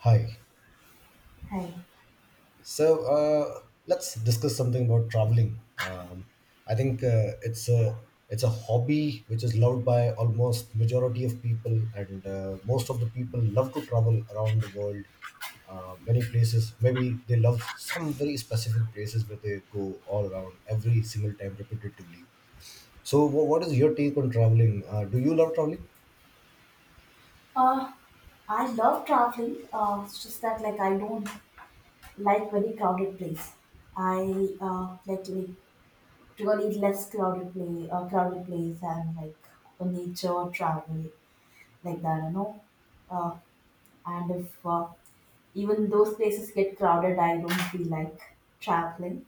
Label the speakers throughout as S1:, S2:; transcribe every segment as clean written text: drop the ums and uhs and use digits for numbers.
S1: Hi.
S2: Hi.
S1: So let's discuss something about traveling. I think it's a hobby which is loved by almost majority of people, and most of the people love to travel around the world. Many places, maybe they love some very specific places where they go all around every single time repetitively. So, what is your take on traveling? Do you love traveling?
S2: Uh, I love traveling. It's just that like I don't like very crowded place. I like to be really less crowded place, and like a nature travel like that. Uh, And if even those places get crowded, I don't feel like traveling.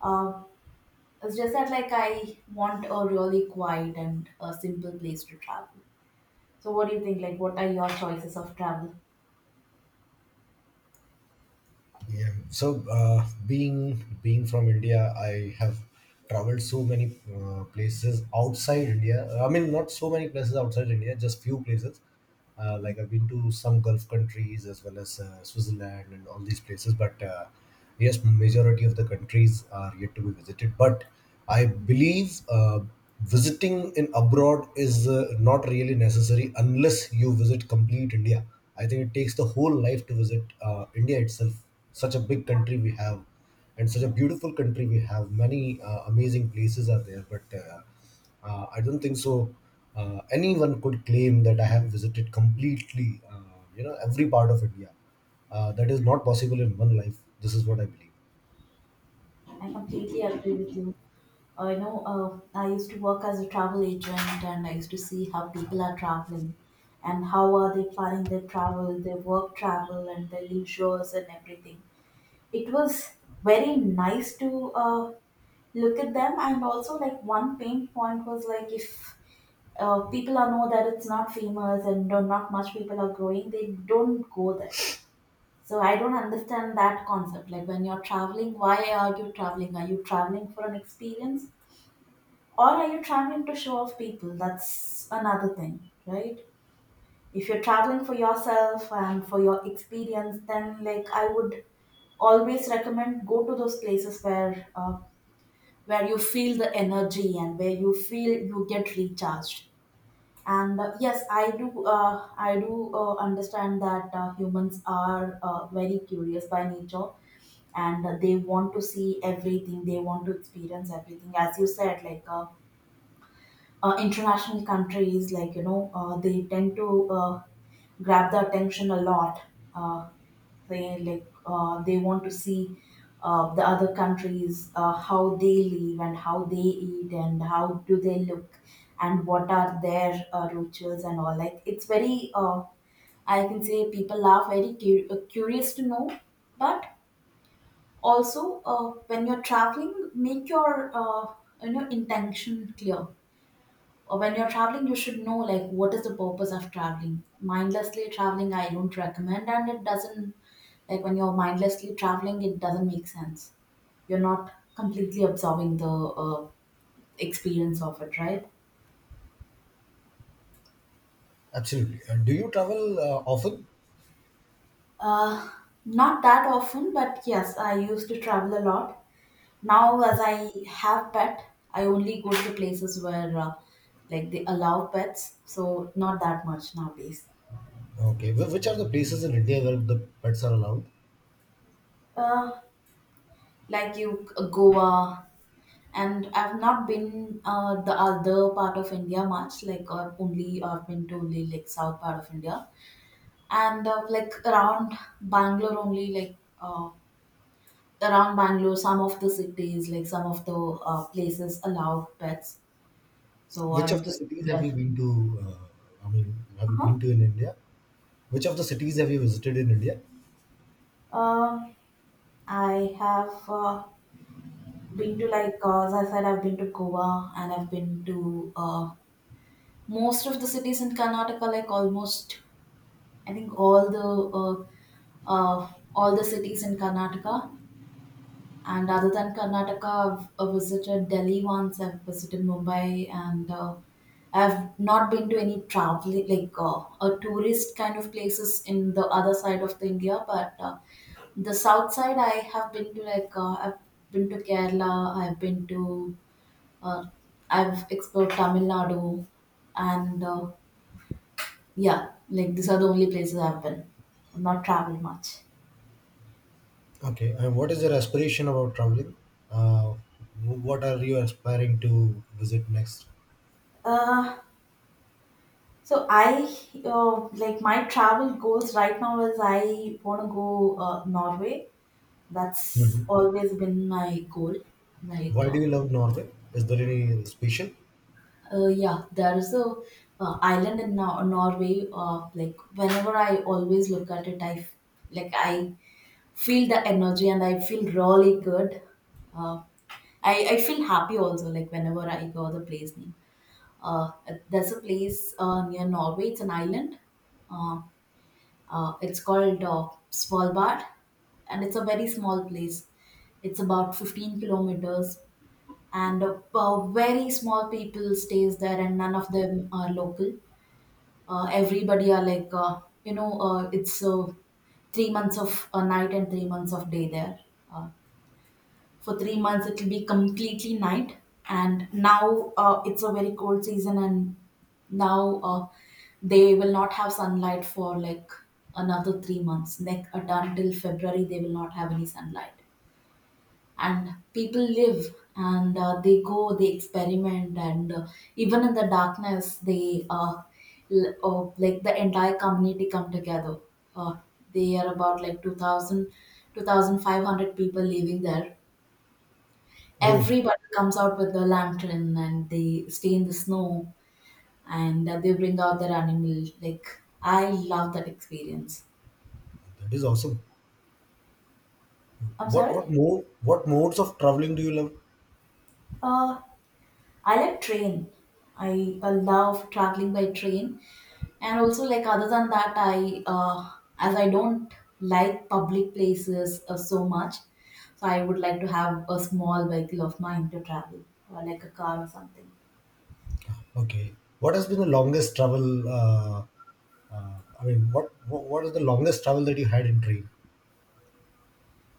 S2: Uh, it's just that like I want a really quiet and a simple place to travel. So what do you think? Like, what are your choices of travel?
S1: Yeah. So being from India, I have traveled so many places outside India. I mean, not so many places outside India, just few places. Like I've been to some Gulf countries as well as Switzerland and all these places. But yes, majority of the countries are yet to be visited. But I believe visiting in abroad is not really necessary unless you visit complete India. I think it takes the whole life to visit India itself, such a big country we have and such a beautiful country we have, many amazing places are there, but I don't think so anyone could claim that I have visited completely you know every part of india. That is not possible in one life. This is what I believe.
S2: I completely agree with you. I used to work as a travel agent, and I used to see how people are traveling and how are they planning their travel, their work travel and their leisures and everything. It was very nice to look at them, and also like one pain point was like if people are know that it's not famous and not much people are going, they don't go there, so I don't understand that concept. Like when you're traveling, why are you traveling? Are you traveling for an experience, or are you traveling to show off people? That's another thing, right? If you're traveling for yourself and for your experience, then like I would always recommend go to those places where you feel the energy and where you feel you get recharged. And yes, I do. I do understand that humans are very curious by nature, and they want to see everything, they want to experience everything. As you said, like international countries, like you know, they tend to grab the attention a lot. uh, they like they want to see the other countries, how they live and how they eat and how do they look, and what are their rituals and all. Like it's very I can say people are very curious to know. But also when you're traveling, make your intention clear. Or when you're traveling, you should know like what is the purpose of traveling. Mindlessly traveling, I don't recommend, and it doesn't, like when you're mindlessly traveling, it doesn't make sense. You're not completely absorbing the experience of it, right?
S1: Absolutely. Do you travel often?
S2: uh, Not that often, but yes, I used to travel a lot. Now, as I have pet, I only go to places where like they allow pets, so not that much nowadays.
S1: Okay. Which are the places in india where the pets are allowed?
S2: Uh, like you, Goa, and I've not been the other part of India much. Like only I've been to only like south part of India, and like around Bangalore only like uh, Bangalore, some of the cities, like some of the places allow pets. So
S1: Which
S2: I
S1: of the
S2: just
S1: cities have
S2: there.
S1: you been to? uh, I mean, have you been
S2: Uh-huh.
S1: to in india? Which of the cities have you visited in india?
S2: Um, I have been to like as I said, I've been to Goa, and I've been to most of the cities in Karnataka. Like almost, I think uh, all the cities in Karnataka. And other than Karnataka, I've visited Delhi once. I've visited Mumbai, and I've not been to any traveling like a tourist kind of places in the other side of the India. But the south side, I have been to. Like I've been to Kerala. I've been to uh, I've explored Tamil Nadu, and yeah, like these are the only places I've been. I've not traveled much.
S1: Okay, and what is your aspiration about traveling? Uh, what are you aspiring to visit next?
S2: Uh, So I like my travel goals right now is I want to go Norway. That's
S1: Mhm.
S2: always been my goal. Like
S1: Why do you love Norway? Is there any special?
S2: yeah, there is a island in Norway. Like whenever I always look at it, I f- like I feel the energy and I feel really good. Uh, I feel happy also. Like whenever I go the place name. Uh, there's a place near Norway. It's an island. Uh, it's called Svalbard, and it's a very small place. It's about 15 kilometers, and very small people stays there, and none of them are local. Everybody are like, you know, it's 3 months of a night and 3 months of day there. Uh, for 3 months it will be completely night, and now it's a very cold season, and now they will not have sunlight for like another 3 months next, until February they will not have any sunlight. And people live, and they go, they experiment, and even in the darkness they like the entire community come together. uh, they are about like 2500 people living there.
S1: Oh,
S2: Everybody comes out with a lantern and they stay in the snow, and they bring out their animal. Like I love that experience.
S1: that is awesome.
S2: I'm
S1: What
S2: sorry.
S1: what mo what modes of traveling do you love?
S2: Uh, I like train. I love traveling by train, and also like other than that, I as I don't like public places so much, so I would like to have a small vehicle of mine to travel, like a car or something.
S1: Okay, what has been the longest travel? Uh, I mean, what is the longest travel that you had in train?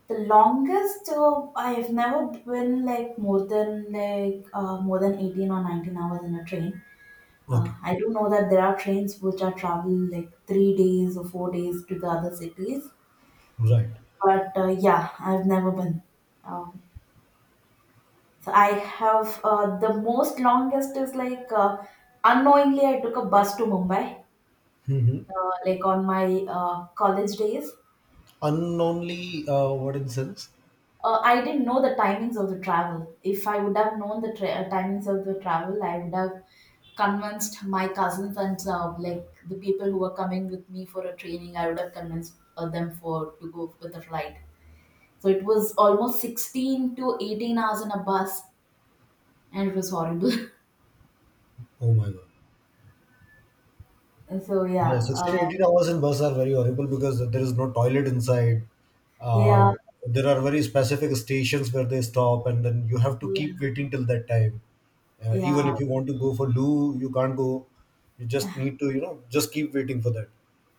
S2: The longest I've never been like more than 18 or 19 hours in a train.
S1: Okay,
S2: I do know that there are trains which are travel like 3 days or 4 days to the other cities,
S1: right.
S2: but yeah, I've never been. Um, so I have the most longest is like unknowingly I took a bus to Mumbai,
S1: Mm-hmm.
S2: like on my college days.
S1: Unknownly, what in sense?
S2: I didn't know the timings of the travel. If I would have known the timings of the travel, I would have convinced my cousins and like the people who were coming with me for a training. I would have convinced them for to go with the flight. So it was almost 16 to 18 hours in a bus, and it was horrible.
S1: Oh my God.
S2: And so
S1: Yeah,
S2: yeah,
S1: 16, 18 hours in bus are very horrible because there is no toilet inside.
S2: yeah,
S1: Um, there are very specific stations where they stop, and then you have to keep
S2: yeah,
S1: waiting till that time. Even if
S2: yeah,
S1: you want to go for loo, you can't go. You just need to, you know, just keep waiting for that.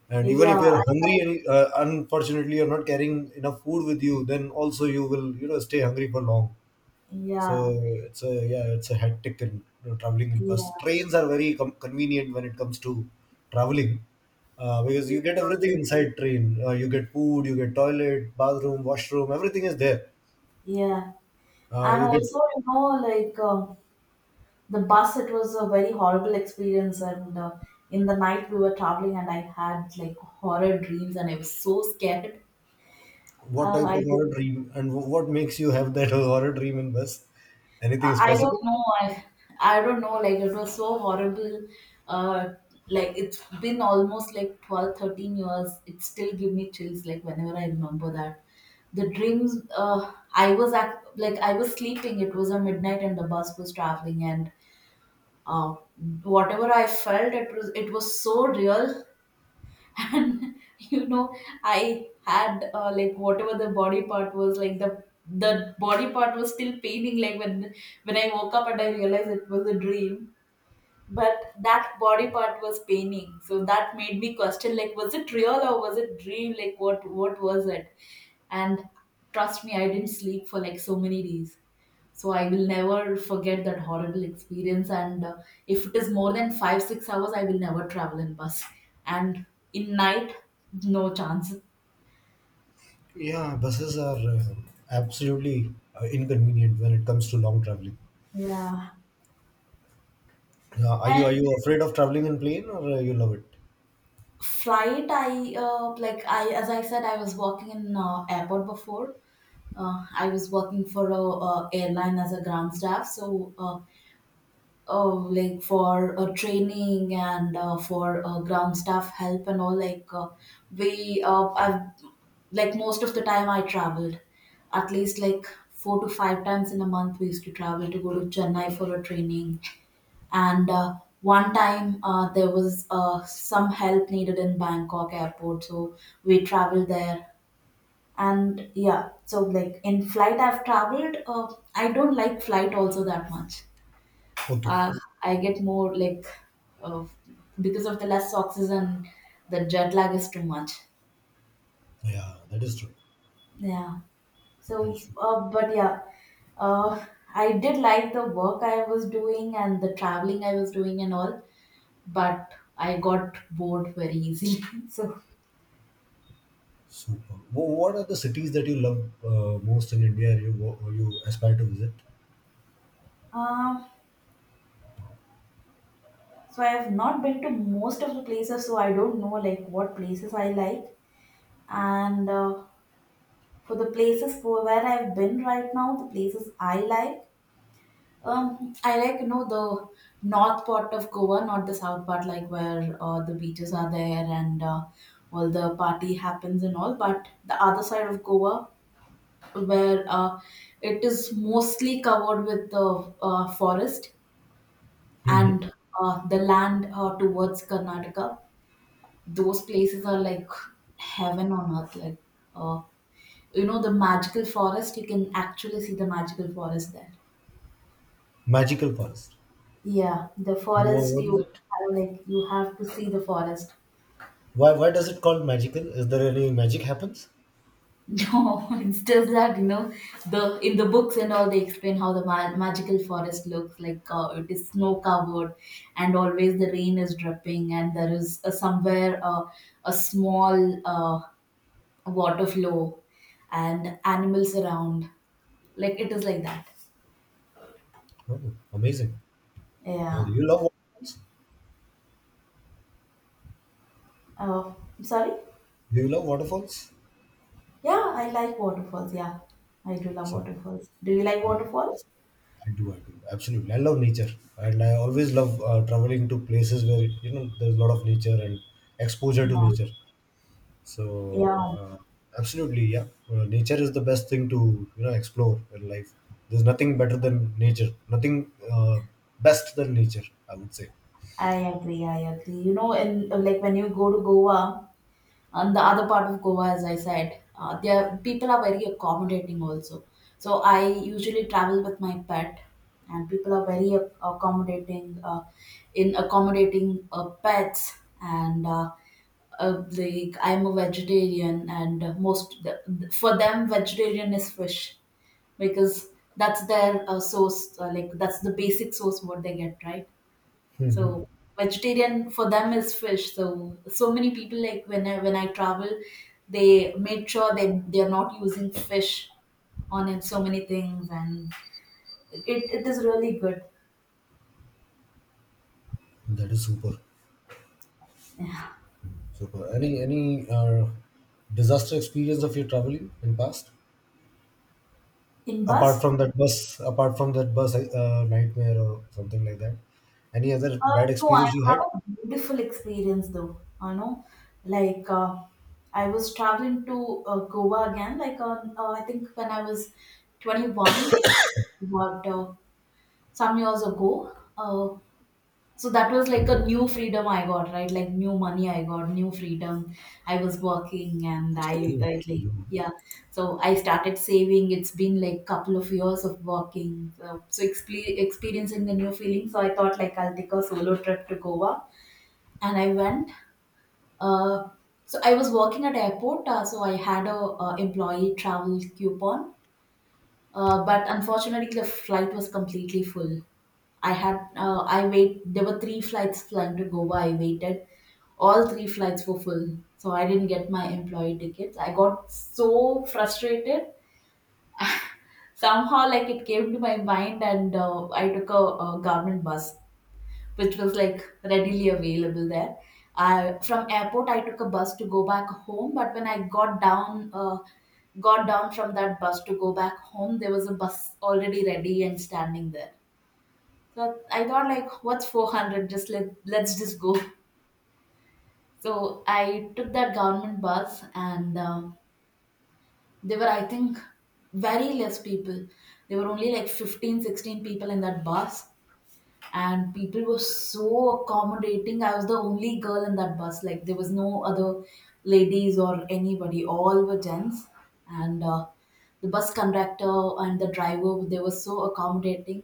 S1: And even
S2: yeah,
S1: if you're
S2: I-
S1: hungry and unfortunately you're not carrying enough food with you, then also you will, you know, stay hungry for long. So
S2: yeah,
S1: it's a yeah, it's a hectic in, you know, traveling in bus.
S2: yeah,
S1: Trains are very convenient when it comes to traveling because you get everything
S2: surely,
S1: inside train. You get food, you get toilet, bathroom, washroom, everything is there.
S2: yeah. And
S1: You get
S2: also, you know, like. The bus, it was a very horrible experience, and in the night we were traveling, and I had like horror dreams and I was so scared.
S1: what
S2: uh,
S1: type of
S2: I,
S1: horror dream and what makes you have that horror dream in bus? Anything
S2: I
S1: specific?
S2: don't know. I don't know, like it was so horrible. uh, like it's been almost like 12, 13 years, it still give me chills like whenever I remember that. The dreams, I was sleeping, it was a midnight and the bus was traveling, and uh, whatever I felt, it was so real. And you know, I had like whatever the body part was like the body part was still paining. Like when I woke up and I realized it was a dream, but that body part was paining, so that made me question like was it real or was it dream, like what was it. And trust me, I didn't sleep for like so many days. So I will never forget that horrible experience, and if it is more than 5 6 hours I will never travel in bus, and in night, no chance.
S1: Yeah, buses are absolutely inconvenient when it comes to long traveling.
S2: Yeah.
S1: Uh, are you
S2: And
S1: are you afraid of traveling in plane or you love it?
S2: flight, I like I as I said, I was working in airport before. I was working for a airline as a ground staff, so like for training and for ground staff help and all. Like we I've like most of the time I traveled at least like four to five times in a month, we used to travel to go to Chennai for a training. And one time there was some help needed in Bangkok airport, so we traveled there. And yeah, so like in flight I've traveled I don't like flight also that much.
S1: Okay,
S2: uh, I get more like uh, because of the less oxygen, the jet lag is too much.
S1: yeah, that is true.
S2: Yeah. So,
S1: Delhi.
S2: but yeah, uh, I did like the work I was doing and the traveling I was doing and all, but I got bored very easily. So,
S1: Super. What are the cities that you love most in India? Or you aspire to visit?
S2: uh, so I have not been to most of the places, so I don't know like what places I like. And for the places for where I've been right now, the places I like you know the north part of Goa, not the south part, like where the beaches are there and all the party happens and all. But the other side of Goa, where it is mostly covered with the forest,
S1: Hmm.
S2: and the land towards Karnataka, those places are like heaven on earth. Like uh, you know, the magical forest, you can actually see the magical forest there.
S1: Magical Forest.
S2: Yeah, the forest,
S1: What is
S2: you
S1: it?
S2: like you have to see the forest.
S1: Why does it called magical? Is there any magic happens?
S2: No, it's just that you know the in the books and all they explain how the magical forest looks like. It is snow covered, and always the rain is dripping, and there is somewhere a small water flow, and animals around. Like it is like that.
S1: Oh, amazing.
S2: Yeah.
S1: Do you love waterfalls?
S2: Uh, Sorry?
S1: Do you love waterfalls?
S2: Yeah, I like waterfalls. Yeah, I do love
S1: So
S2: waterfalls. Do you like
S1: uh,
S2: waterfalls?
S1: I do. I do. Absolutely. I love nature, and I always love traveling to places where, you know, there's a lot of nature and exposure to
S2: Yeah.
S1: nature.
S2: Yeah,
S1: So absolutely, yeah. Nature is the best thing to, you know, explore in life. There's nothing better than nature. Nothing best than nature, I would say.
S2: I agree. I agree. You know, and like when you go to Goa, and the other part of Goa, as I said, there people are very accommodating also. So I usually travel with my pet, and people are very accommodating in accommodating pets. And like I'm a vegetarian, and most for them vegetarian is fish because that's their source. Like that's the basic source what they get, right?
S1: Mhm.
S2: So vegetarian for them is fish. So many people like when I travel, they make sure they are not using fish on it. So many things, and it is really good.
S1: That is super, super. Any disaster experience of your traveling in past?
S2: In
S1: Apart
S2: bus,
S1: from that bus, apart from that bus nightmare or something like that. Any other
S2: uh,
S1: bad
S2: no, I
S1: experience you
S2: have
S1: had?
S2: a beautiful experience though. You know, like I was traveling to Goa again. Like on I think when I was 21, about some years ago. So that was like a new freedom I got, right? Like new money I got, new freedom. I was working, and
S1: कुछ आगे
S2: I,
S1: नहीं बता
S2: I
S1: तुम
S2: like
S1: लोगों को।
S2: yeah. So I started saving. It's been like couple of years of working. So, experiencing the new feeling. So I thought like I'll take a solo trip to Goa, and I went. Uh, so I was working at airport. So I had a employee travel coupon, but unfortunately, the flight was completely full. I wait. There were three flights flying to Goa. I waited. All three flights were full, so I didn't get my employee tickets. I got so frustrated. Somehow, like it came to my mind, and I took a government bus which was like readily available there. I from airport I took a bus to go back home, but when I got down from that bus to go back home, there was a bus already ready and standing there. So I thought like, what's 400? Just let's just go. So I took that government bus, and there were I think very less people. There were only like 15, 16 people in that bus, and people were so accommodating. I was the only girl in that bus. Like there was no other ladies or anybody. All were gents, and the bus conductor and the driver, they were so accommodating.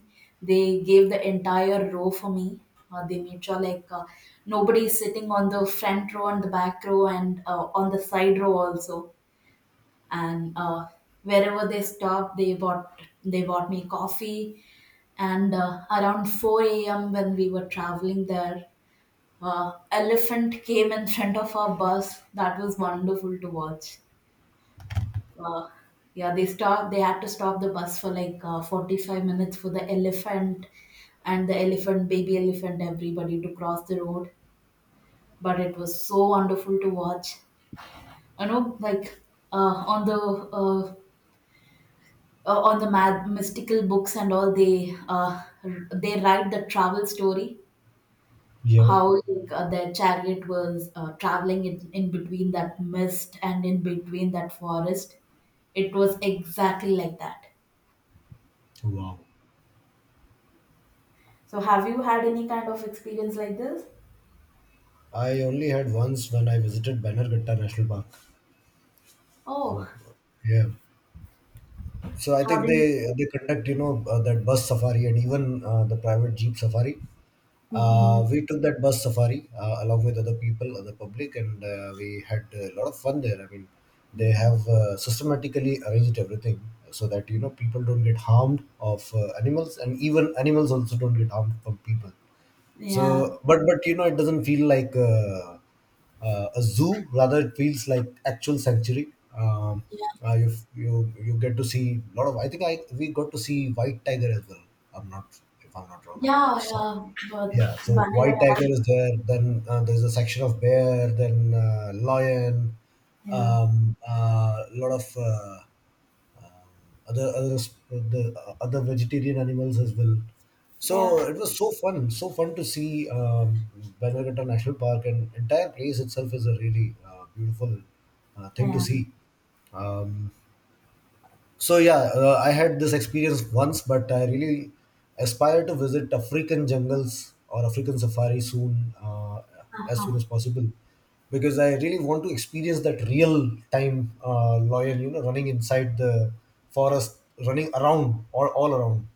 S2: They gave the entire row for me. They made sure like nobody is sitting on the front row and the back row, and on the side row also. And wherever they stopped, they bought me coffee. And around 4 a.m when we were traveling there, elephant came in front of our bus. That was wonderful to watch. uh, yeah, they stopped. They had to stop the bus for like 45 minutes for the elephant, and the elephant, baby elephant, everybody to cross the road. But it was so wonderful to watch. You know, like uh, on the uh, on the mystical books and all, they they write the travel story,
S1: Yeah.
S2: how like, their chariot was traveling in between that mist and in between that forest. It was exactly like that.
S1: Wow.
S2: So have you had any kind of experience like this?
S1: I only had once when I visited Bannerghatta National Park.
S2: Oh.
S1: Yeah. So I
S2: How
S1: think
S2: did you?
S1: they conduct, you know, that bus safari and even the private jeep safari.
S2: Mhm,
S1: We took that bus safari along with other people, other public, and we had a lot of fun there. I mean, they have
S2: mhm.
S1: systematically arranged everything so that, you know, people don't get harmed of animals, and even animals also don't get harmed from people.
S2: Yeah,
S1: So, but you know, it doesn't feel like a zoo. Rather, it feels like actual sanctuary. Um,
S2: yeah,
S1: you get to see a lot of. I think I we got to see white tiger as well. I'm not if I'm not wrong. I
S2: yeah,
S1: saw.
S2: yeah. but,
S1: Yeah, so
S2: but
S1: white
S2: yeah,
S1: tiger is there. Then there's a section of bear. Then lion.
S2: yeah,
S1: Lot of. Um, other other the other vegetarian animals as well. So
S2: yeah,
S1: it was so fun to see, Bannerghatta National Park and entire place itself is a really beautiful thing to
S2: yeah.
S1: see. Um, so yeah, I had this experience once, but I really aspire to visit African jungles or African safari soon, as soon as possible, because I really want to experience that real time lion, you know, running inside the forest, running around or all around.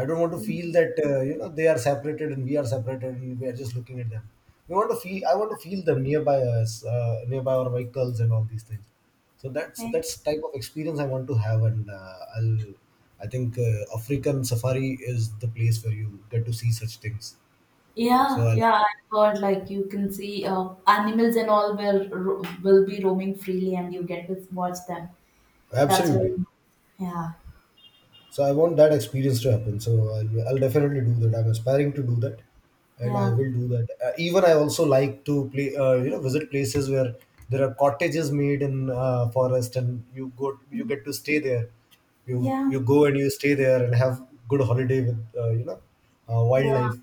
S1: I don't want to feel
S2: Mm-hmm.
S1: that you know they are separated and we are separated and we are just looking at them. We want to feel. I want to feel them nearby us, nearby our vehicles and all these things. So that's type of experience I want to have, and I'll. I think African safari is the place where you get to see such things. So
S2: Yeah,
S1: I'll,
S2: yeah, I heard like you can see animals and all will be roaming freely, and you get to watch them. That's
S1: absolutely.
S2: really. Yeah,
S1: So I want that experience to happen. So I'll definitely do that. I'm aspiring to do that, and I
S2: yeah,
S1: will do that. Even I also like to play, you know, visit places where there are cottages made in forest, and you go, you get to stay there. You
S2: yeah,
S1: you go and you stay there and have good holiday with, you know,
S2: yeah,
S1: wildlife.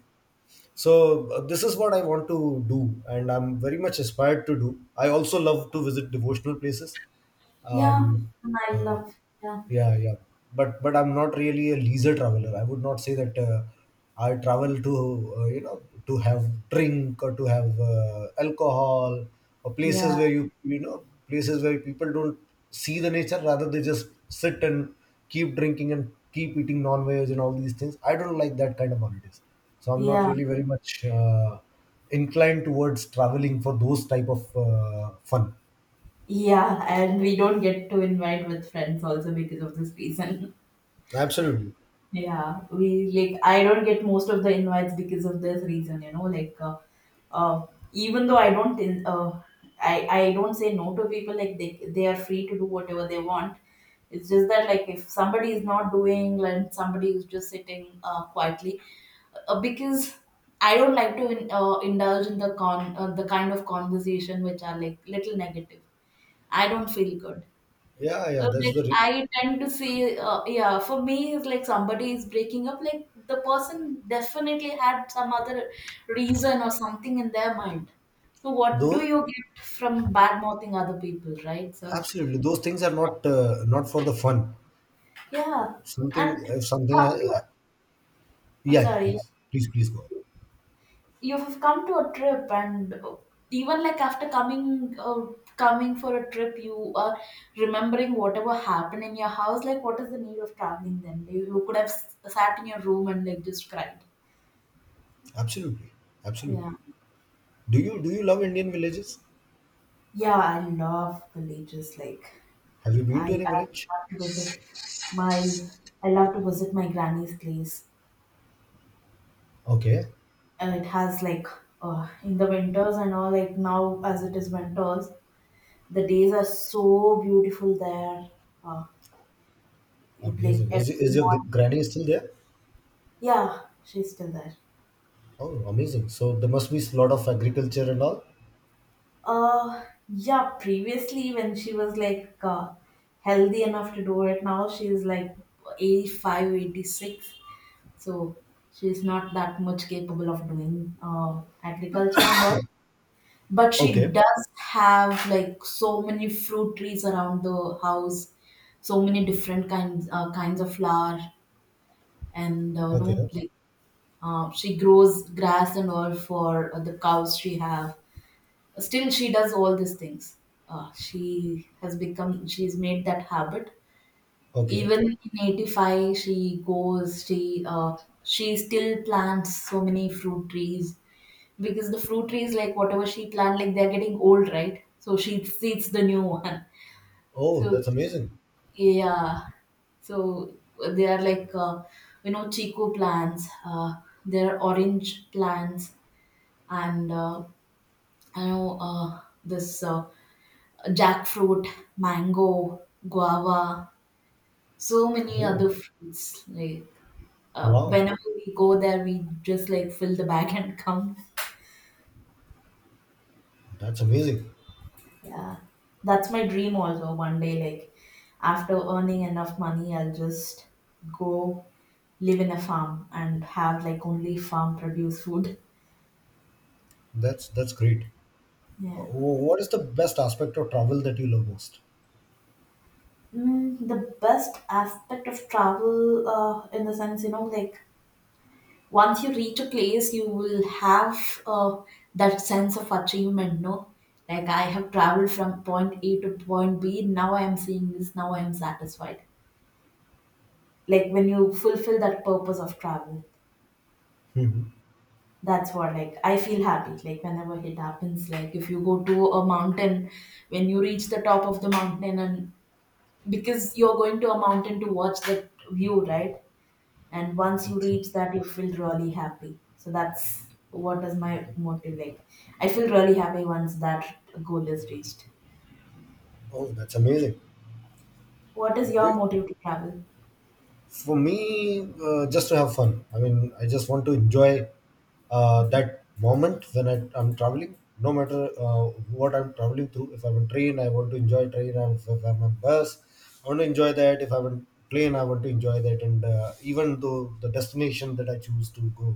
S1: So this is what I want to do, and I'm very much inspired to do. I also love to visit devotional places.
S2: yeah.
S1: Um,
S2: And I
S1: uh,
S2: love. Yeah,
S1: yeah, but I'm not really a leisure traveler. I would not say that I travel to you know, to have drink or to have alcohol or places
S2: yeah,
S1: where you know, places where people don't see the nature. Rather, they just sit and keep drinking and keep eating non-veg and all these things. I don't like that kind of holidays. So I'm not
S2: yeah,
S1: really very much inclined towards traveling for those type of fun.
S2: yeah. And we don't get to invite with friends also because of this reason.
S1: Absolutely.
S2: Yeah, we like I don't get most of the invites because of this reason, you know, like even though I don't say no to people, like they are free to do whatever they want. It's just that like if somebody is not doing and somebody is just sitting quietly because I don't like to indulge in the kind of conversation which are like little negative. I don't feel good.
S1: Yeah, yeah. That's
S2: Like,
S1: the re-
S2: I tend to see, yeah, for me, it's like somebody is breaking up, like the person definitely had some other reason or something in their mind. So, what do
S1: though.
S2: you get from bad mouthing other people, right? So,
S1: Absolutely, those things are not not for the fun.
S2: yeah,
S1: Something
S2: and
S1: if something.
S2: come to. I'm
S1: Yeah, yeah.
S2: sorry, yeah.
S1: Please, please, please go on.
S2: You have come to a trip, and even like after coming for a trip, you are remembering whatever happened in your house. Like what is the need of traveling then? You could have sat in your room and like just cried.
S1: Absolutely, absolutely.
S2: Yeah,
S1: Do you love Indian villages?
S2: yeah, I love villages. Like
S1: Have you been
S2: i,
S1: to any village?
S2: I love to visit my I love to visit my granny's place.
S1: Okay,
S2: And it has like, in the winters and all, like now as it is winters, the days are so beautiful there, like
S1: amazing.
S2: every
S1: Is your
S2: morning.
S1: granny still there?
S2: Yeah, she's still there.
S1: Oh, amazing. So there must be a lot of agriculture and all.
S2: Yeah, previously when she was like healthy enough to do it. Now she's like 85, 86. 86. So she's not that much capable of doing agriculture and all. But she
S1: Okay,
S2: does have like so many fruit trees around the house, so many different kinds of flower. And you know,
S1: okay,
S2: like, she grows grass and all for the cows she have. Still, she does all these things. She has become. She's made that habit.
S1: okay.
S2: Even in 85, she goes. She still plants so many fruit trees because the fruit trees, like whatever she plant, like they're getting old, right? So she seeds the new one.
S1: Oh,
S2: So
S1: that's amazing.
S2: yeah, so they are like, you know, chico plants. There are orange plants, and I know, this, jackfruit, mango, guava, so many
S1: Oh,
S2: other fruits. Like
S1: wow.
S2: whenever we go there, we just like fill the bag and come.
S1: That's amazing.
S2: Yeah, that's my dream also. One day, like after earning enough money, I'll just go live in a farm and have like only farm produce food.
S1: That's great.
S2: Yeah.
S1: What is the best aspect of travel that you love most?
S2: Mm, the best aspect of travel, in the sense, you know, like once you reach a place, you will have, that sense of achievement, no? Like I have traveled from point A to point B. Now I am seeing this. Now I am satisfied. Like when you fulfill that purpose of travel,
S1: Hmm.
S2: that's what, like, I feel happy. Like whenever it happens, like if you go to a mountain, when you reach the top of the mountain, and because you're going to a mountain to watch that view, right? And once you
S1: Excellent.
S2: reach that, you feel really happy. So that's what is my motive. Like I feel really happy once that goal is reached.
S1: Oh, that's amazing.
S2: What is
S1: Do
S2: your
S1: you,
S2: motive to travel?
S1: for me just to have fun. I mean I just want to enjoy that moment when I'm traveling no matter what I'm traveling through. If I'm on train I want to enjoy train, and if I'm on bus I want to enjoy that, if I'm on plane I want to enjoy that, and even though the destination that I choose to go,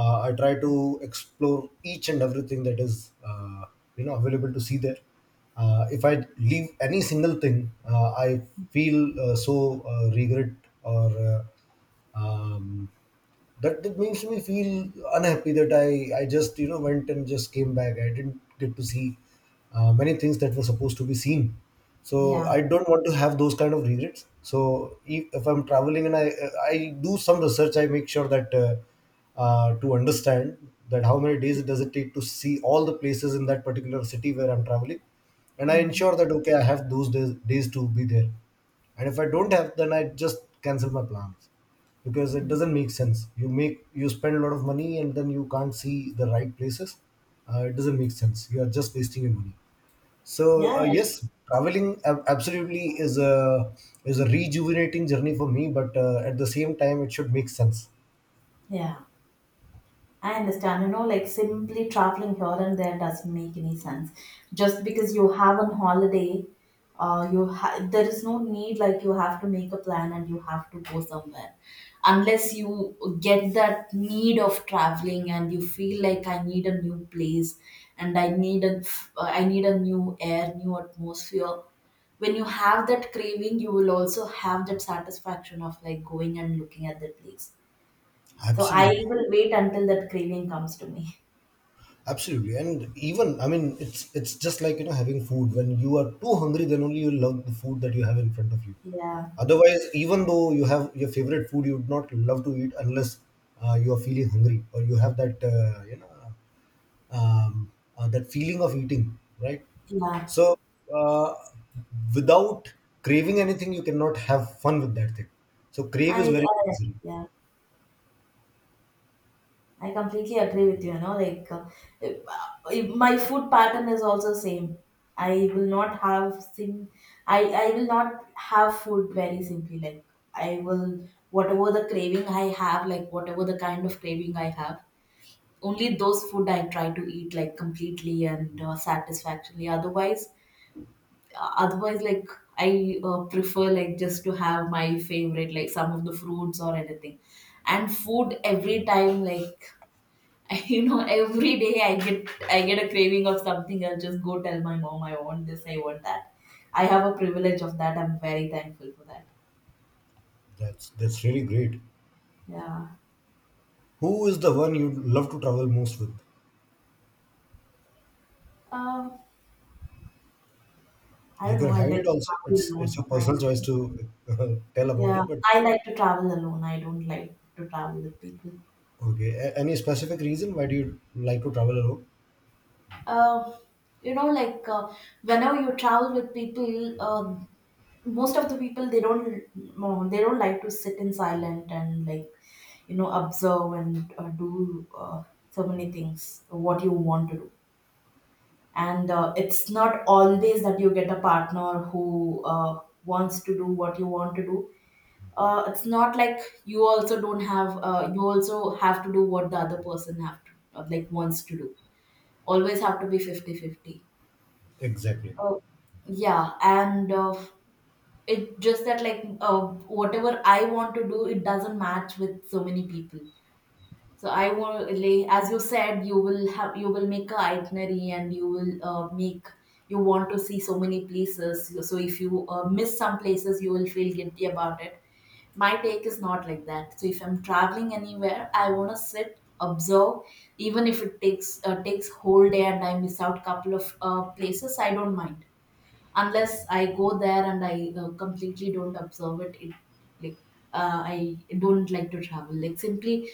S1: I try to explore each and everything that is uh, you know available to see there. If I leave any single thing, I feel so regret or um, that, that makes me feel unhappy that I just you know went and just came back. I didn't get to see many things that were supposed to be seen. So
S2: Yeah.
S1: I don't want to have those kind of regrets. So if I'm traveling and I do some research, I make sure that to understand that how many days does it take to see all the places in that particular city where I'm traveling, and I
S2: Mhm.
S1: ensure that okay I have those days to be there. And if I don't have, then I just cancel my plans because it doesn't make sense. You make you spend a lot of money and then you can't see the right places. It doesn't make sense. You are just wasting your money. So
S2: Yeah,
S1: uh, yes, traveling absolutely is a rejuvenating journey for me, but at the same time, it should make sense.
S2: yeah, I understand, you know, like simply traveling here and there doesn't make any sense. Just because you have a holiday, there is no need like you have to make a plan, and you have to go somewhere, unless you get that need of traveling and you feel like I need a new place, and I need a new air, new atmosphere. When you have that craving, you will also have that satisfaction of like going and looking at the place. So I
S1: Absolutely.
S2: will wait until that craving comes to me.
S1: Absolutely, and even I mean, it's just like, you know, having food. When you are too hungry, then only you love the food that you have in front of you.
S2: Yeah,
S1: Otherwise, even though you have your favorite food, you would not love to eat unless you are feeling hungry or you have that you know, that feeling of eating, right?
S2: yeah.
S1: So, uh, without craving anything, you cannot have fun with that thing. So, crave is very
S2: I
S1: necessary.
S2: Yeah. I completely agree with you. You know, like, if my food pattern is also same. I will not have sim. I will not have food very simply. Like I will, whatever the craving I have, like whatever the kind of craving I have. Only those food I try to eat like completely and satisfactorily. Otherwise, like I prefer like just to have my favorite, like some of the fruits or anything, and food every time, like you know, every day I get a craving of something. I'll just go tell my mom I want this, I want that. I have a privilege of that. I'm very thankful for that.
S1: That's really great.
S2: Yeah.
S1: Who is the one you love to travel most with?
S2: um I
S1: You
S2: don't
S1: can
S2: know, I
S1: hide it
S2: like to
S1: also.
S2: travel
S1: It's
S2: alone.
S1: your personal choice to tell about
S2: Yeah,
S1: it, but
S2: I like to travel alone. I don't like to travel with people.
S1: okay. Any specific reason why do you like to travel alone?
S2: uh, you know, like, whenever you travel with people, most of the people, they don't, no, they don't like to sit in silent, and like, you know, observe and do so many things what you want to do. And it's not always that you get a partner who wants to do what you want to do. It's not like you also don't have, you also have to do what the other person have to, like wants to do. Always have to be 50-50.
S1: Exactly.
S2: Uh, yeah, and it just that like, whatever I want to do, it doesn't match with so many people. So I want, like, as you said, you will make a itinerary, and you will, make, you want to see so many places. So if you miss some places, you will feel guilty about it. My take is not like that. So if I'm traveling anywhere, I want to sit, observe, even if it takes whole day and I miss out couple of places, I don't mind, unless I go there and I completely don't observe It, like, I don't like to travel. Like simply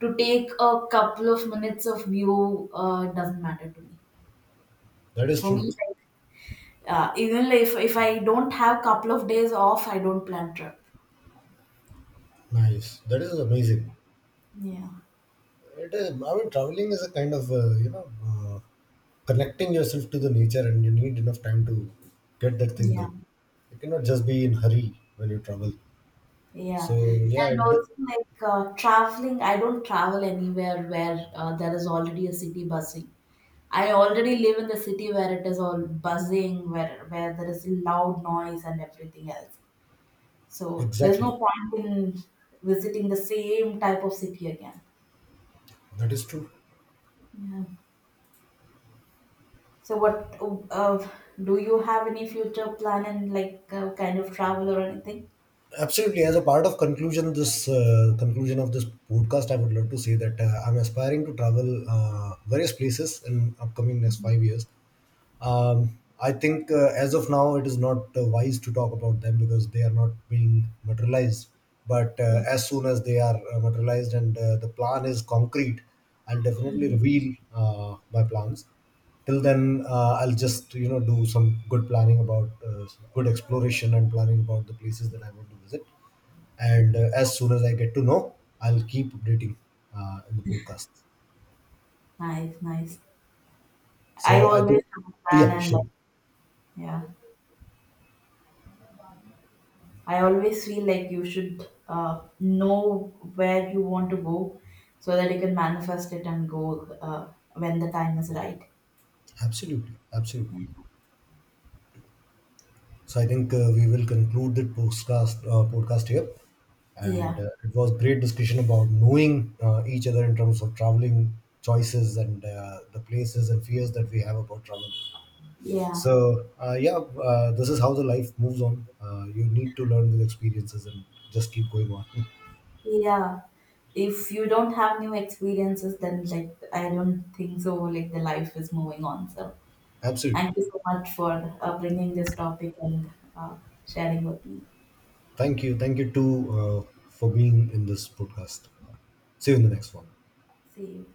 S2: to take a couple of minutes of view doesn't matter to me.
S1: That is
S2: For me,
S1: true.
S2: like, even if I don't have couple of days off, I don't plan trip.
S1: Nice. That is amazing.
S2: Yeah,
S1: It is, I mean, traveling is a kind of you know, connecting yourself to the nature, and you need enough time to get that thing
S2: yeah.
S1: done. You cannot just be in hurry when you travel.
S2: Yeah,
S1: So yeah,
S2: and
S1: it,
S2: also like, traveling, I don't travel anywhere where there is already a city buzzing. I already live in the city where it is all buzzing, where there is loud noise and everything else. So there's
S1: exactly.
S2: no point in visiting the same type of city again.
S1: That is true.
S2: Yeah. So what, uh, do you have any future plan, and like, kind of travel or anything?
S1: Absolutely. As a part of conclusion, this conclusion of this podcast, I would love to say that I'm aspiring to travel various places in upcoming next 5 years. I think as of now, it is not wise to talk about them because they are not being materialized. But
S2: Mm.
S1: as soon as they are materialized and the plan is concrete, I'll definitely
S2: Mhm.
S1: reveal my plans. Till then, I'll just you know do some good planning about good exploration and planning about the places that I want to visit. And as soon as I get to know, I'll keep updating in the podcast.
S2: Nice, nice. I
S1: So I
S2: always
S1: think,
S2: have a plan,
S1: yeah,
S2: and like,
S1: sure,
S2: yeah. I always feel like you should know where you want to go so that you can manifest it and go when the time is right.
S1: absolutely, absolutely. So I think uh, we will conclude the podcast here, and
S2: Yeah,
S1: it was great discussion about knowing each other in terms of traveling choices and the places and fears that we have about travel.
S2: yeah,
S1: So this is how the life moves on. You need to learn with experiences and just keep going on.
S2: yeah. If you don't have new experiences, then like I don't think so. Like the life is moving on. So
S1: Absolutely.
S2: thank you so much for bringing this topic and sharing with me.
S1: Thank you. Thank you too for being in this podcast. See you in the next one.
S2: See you.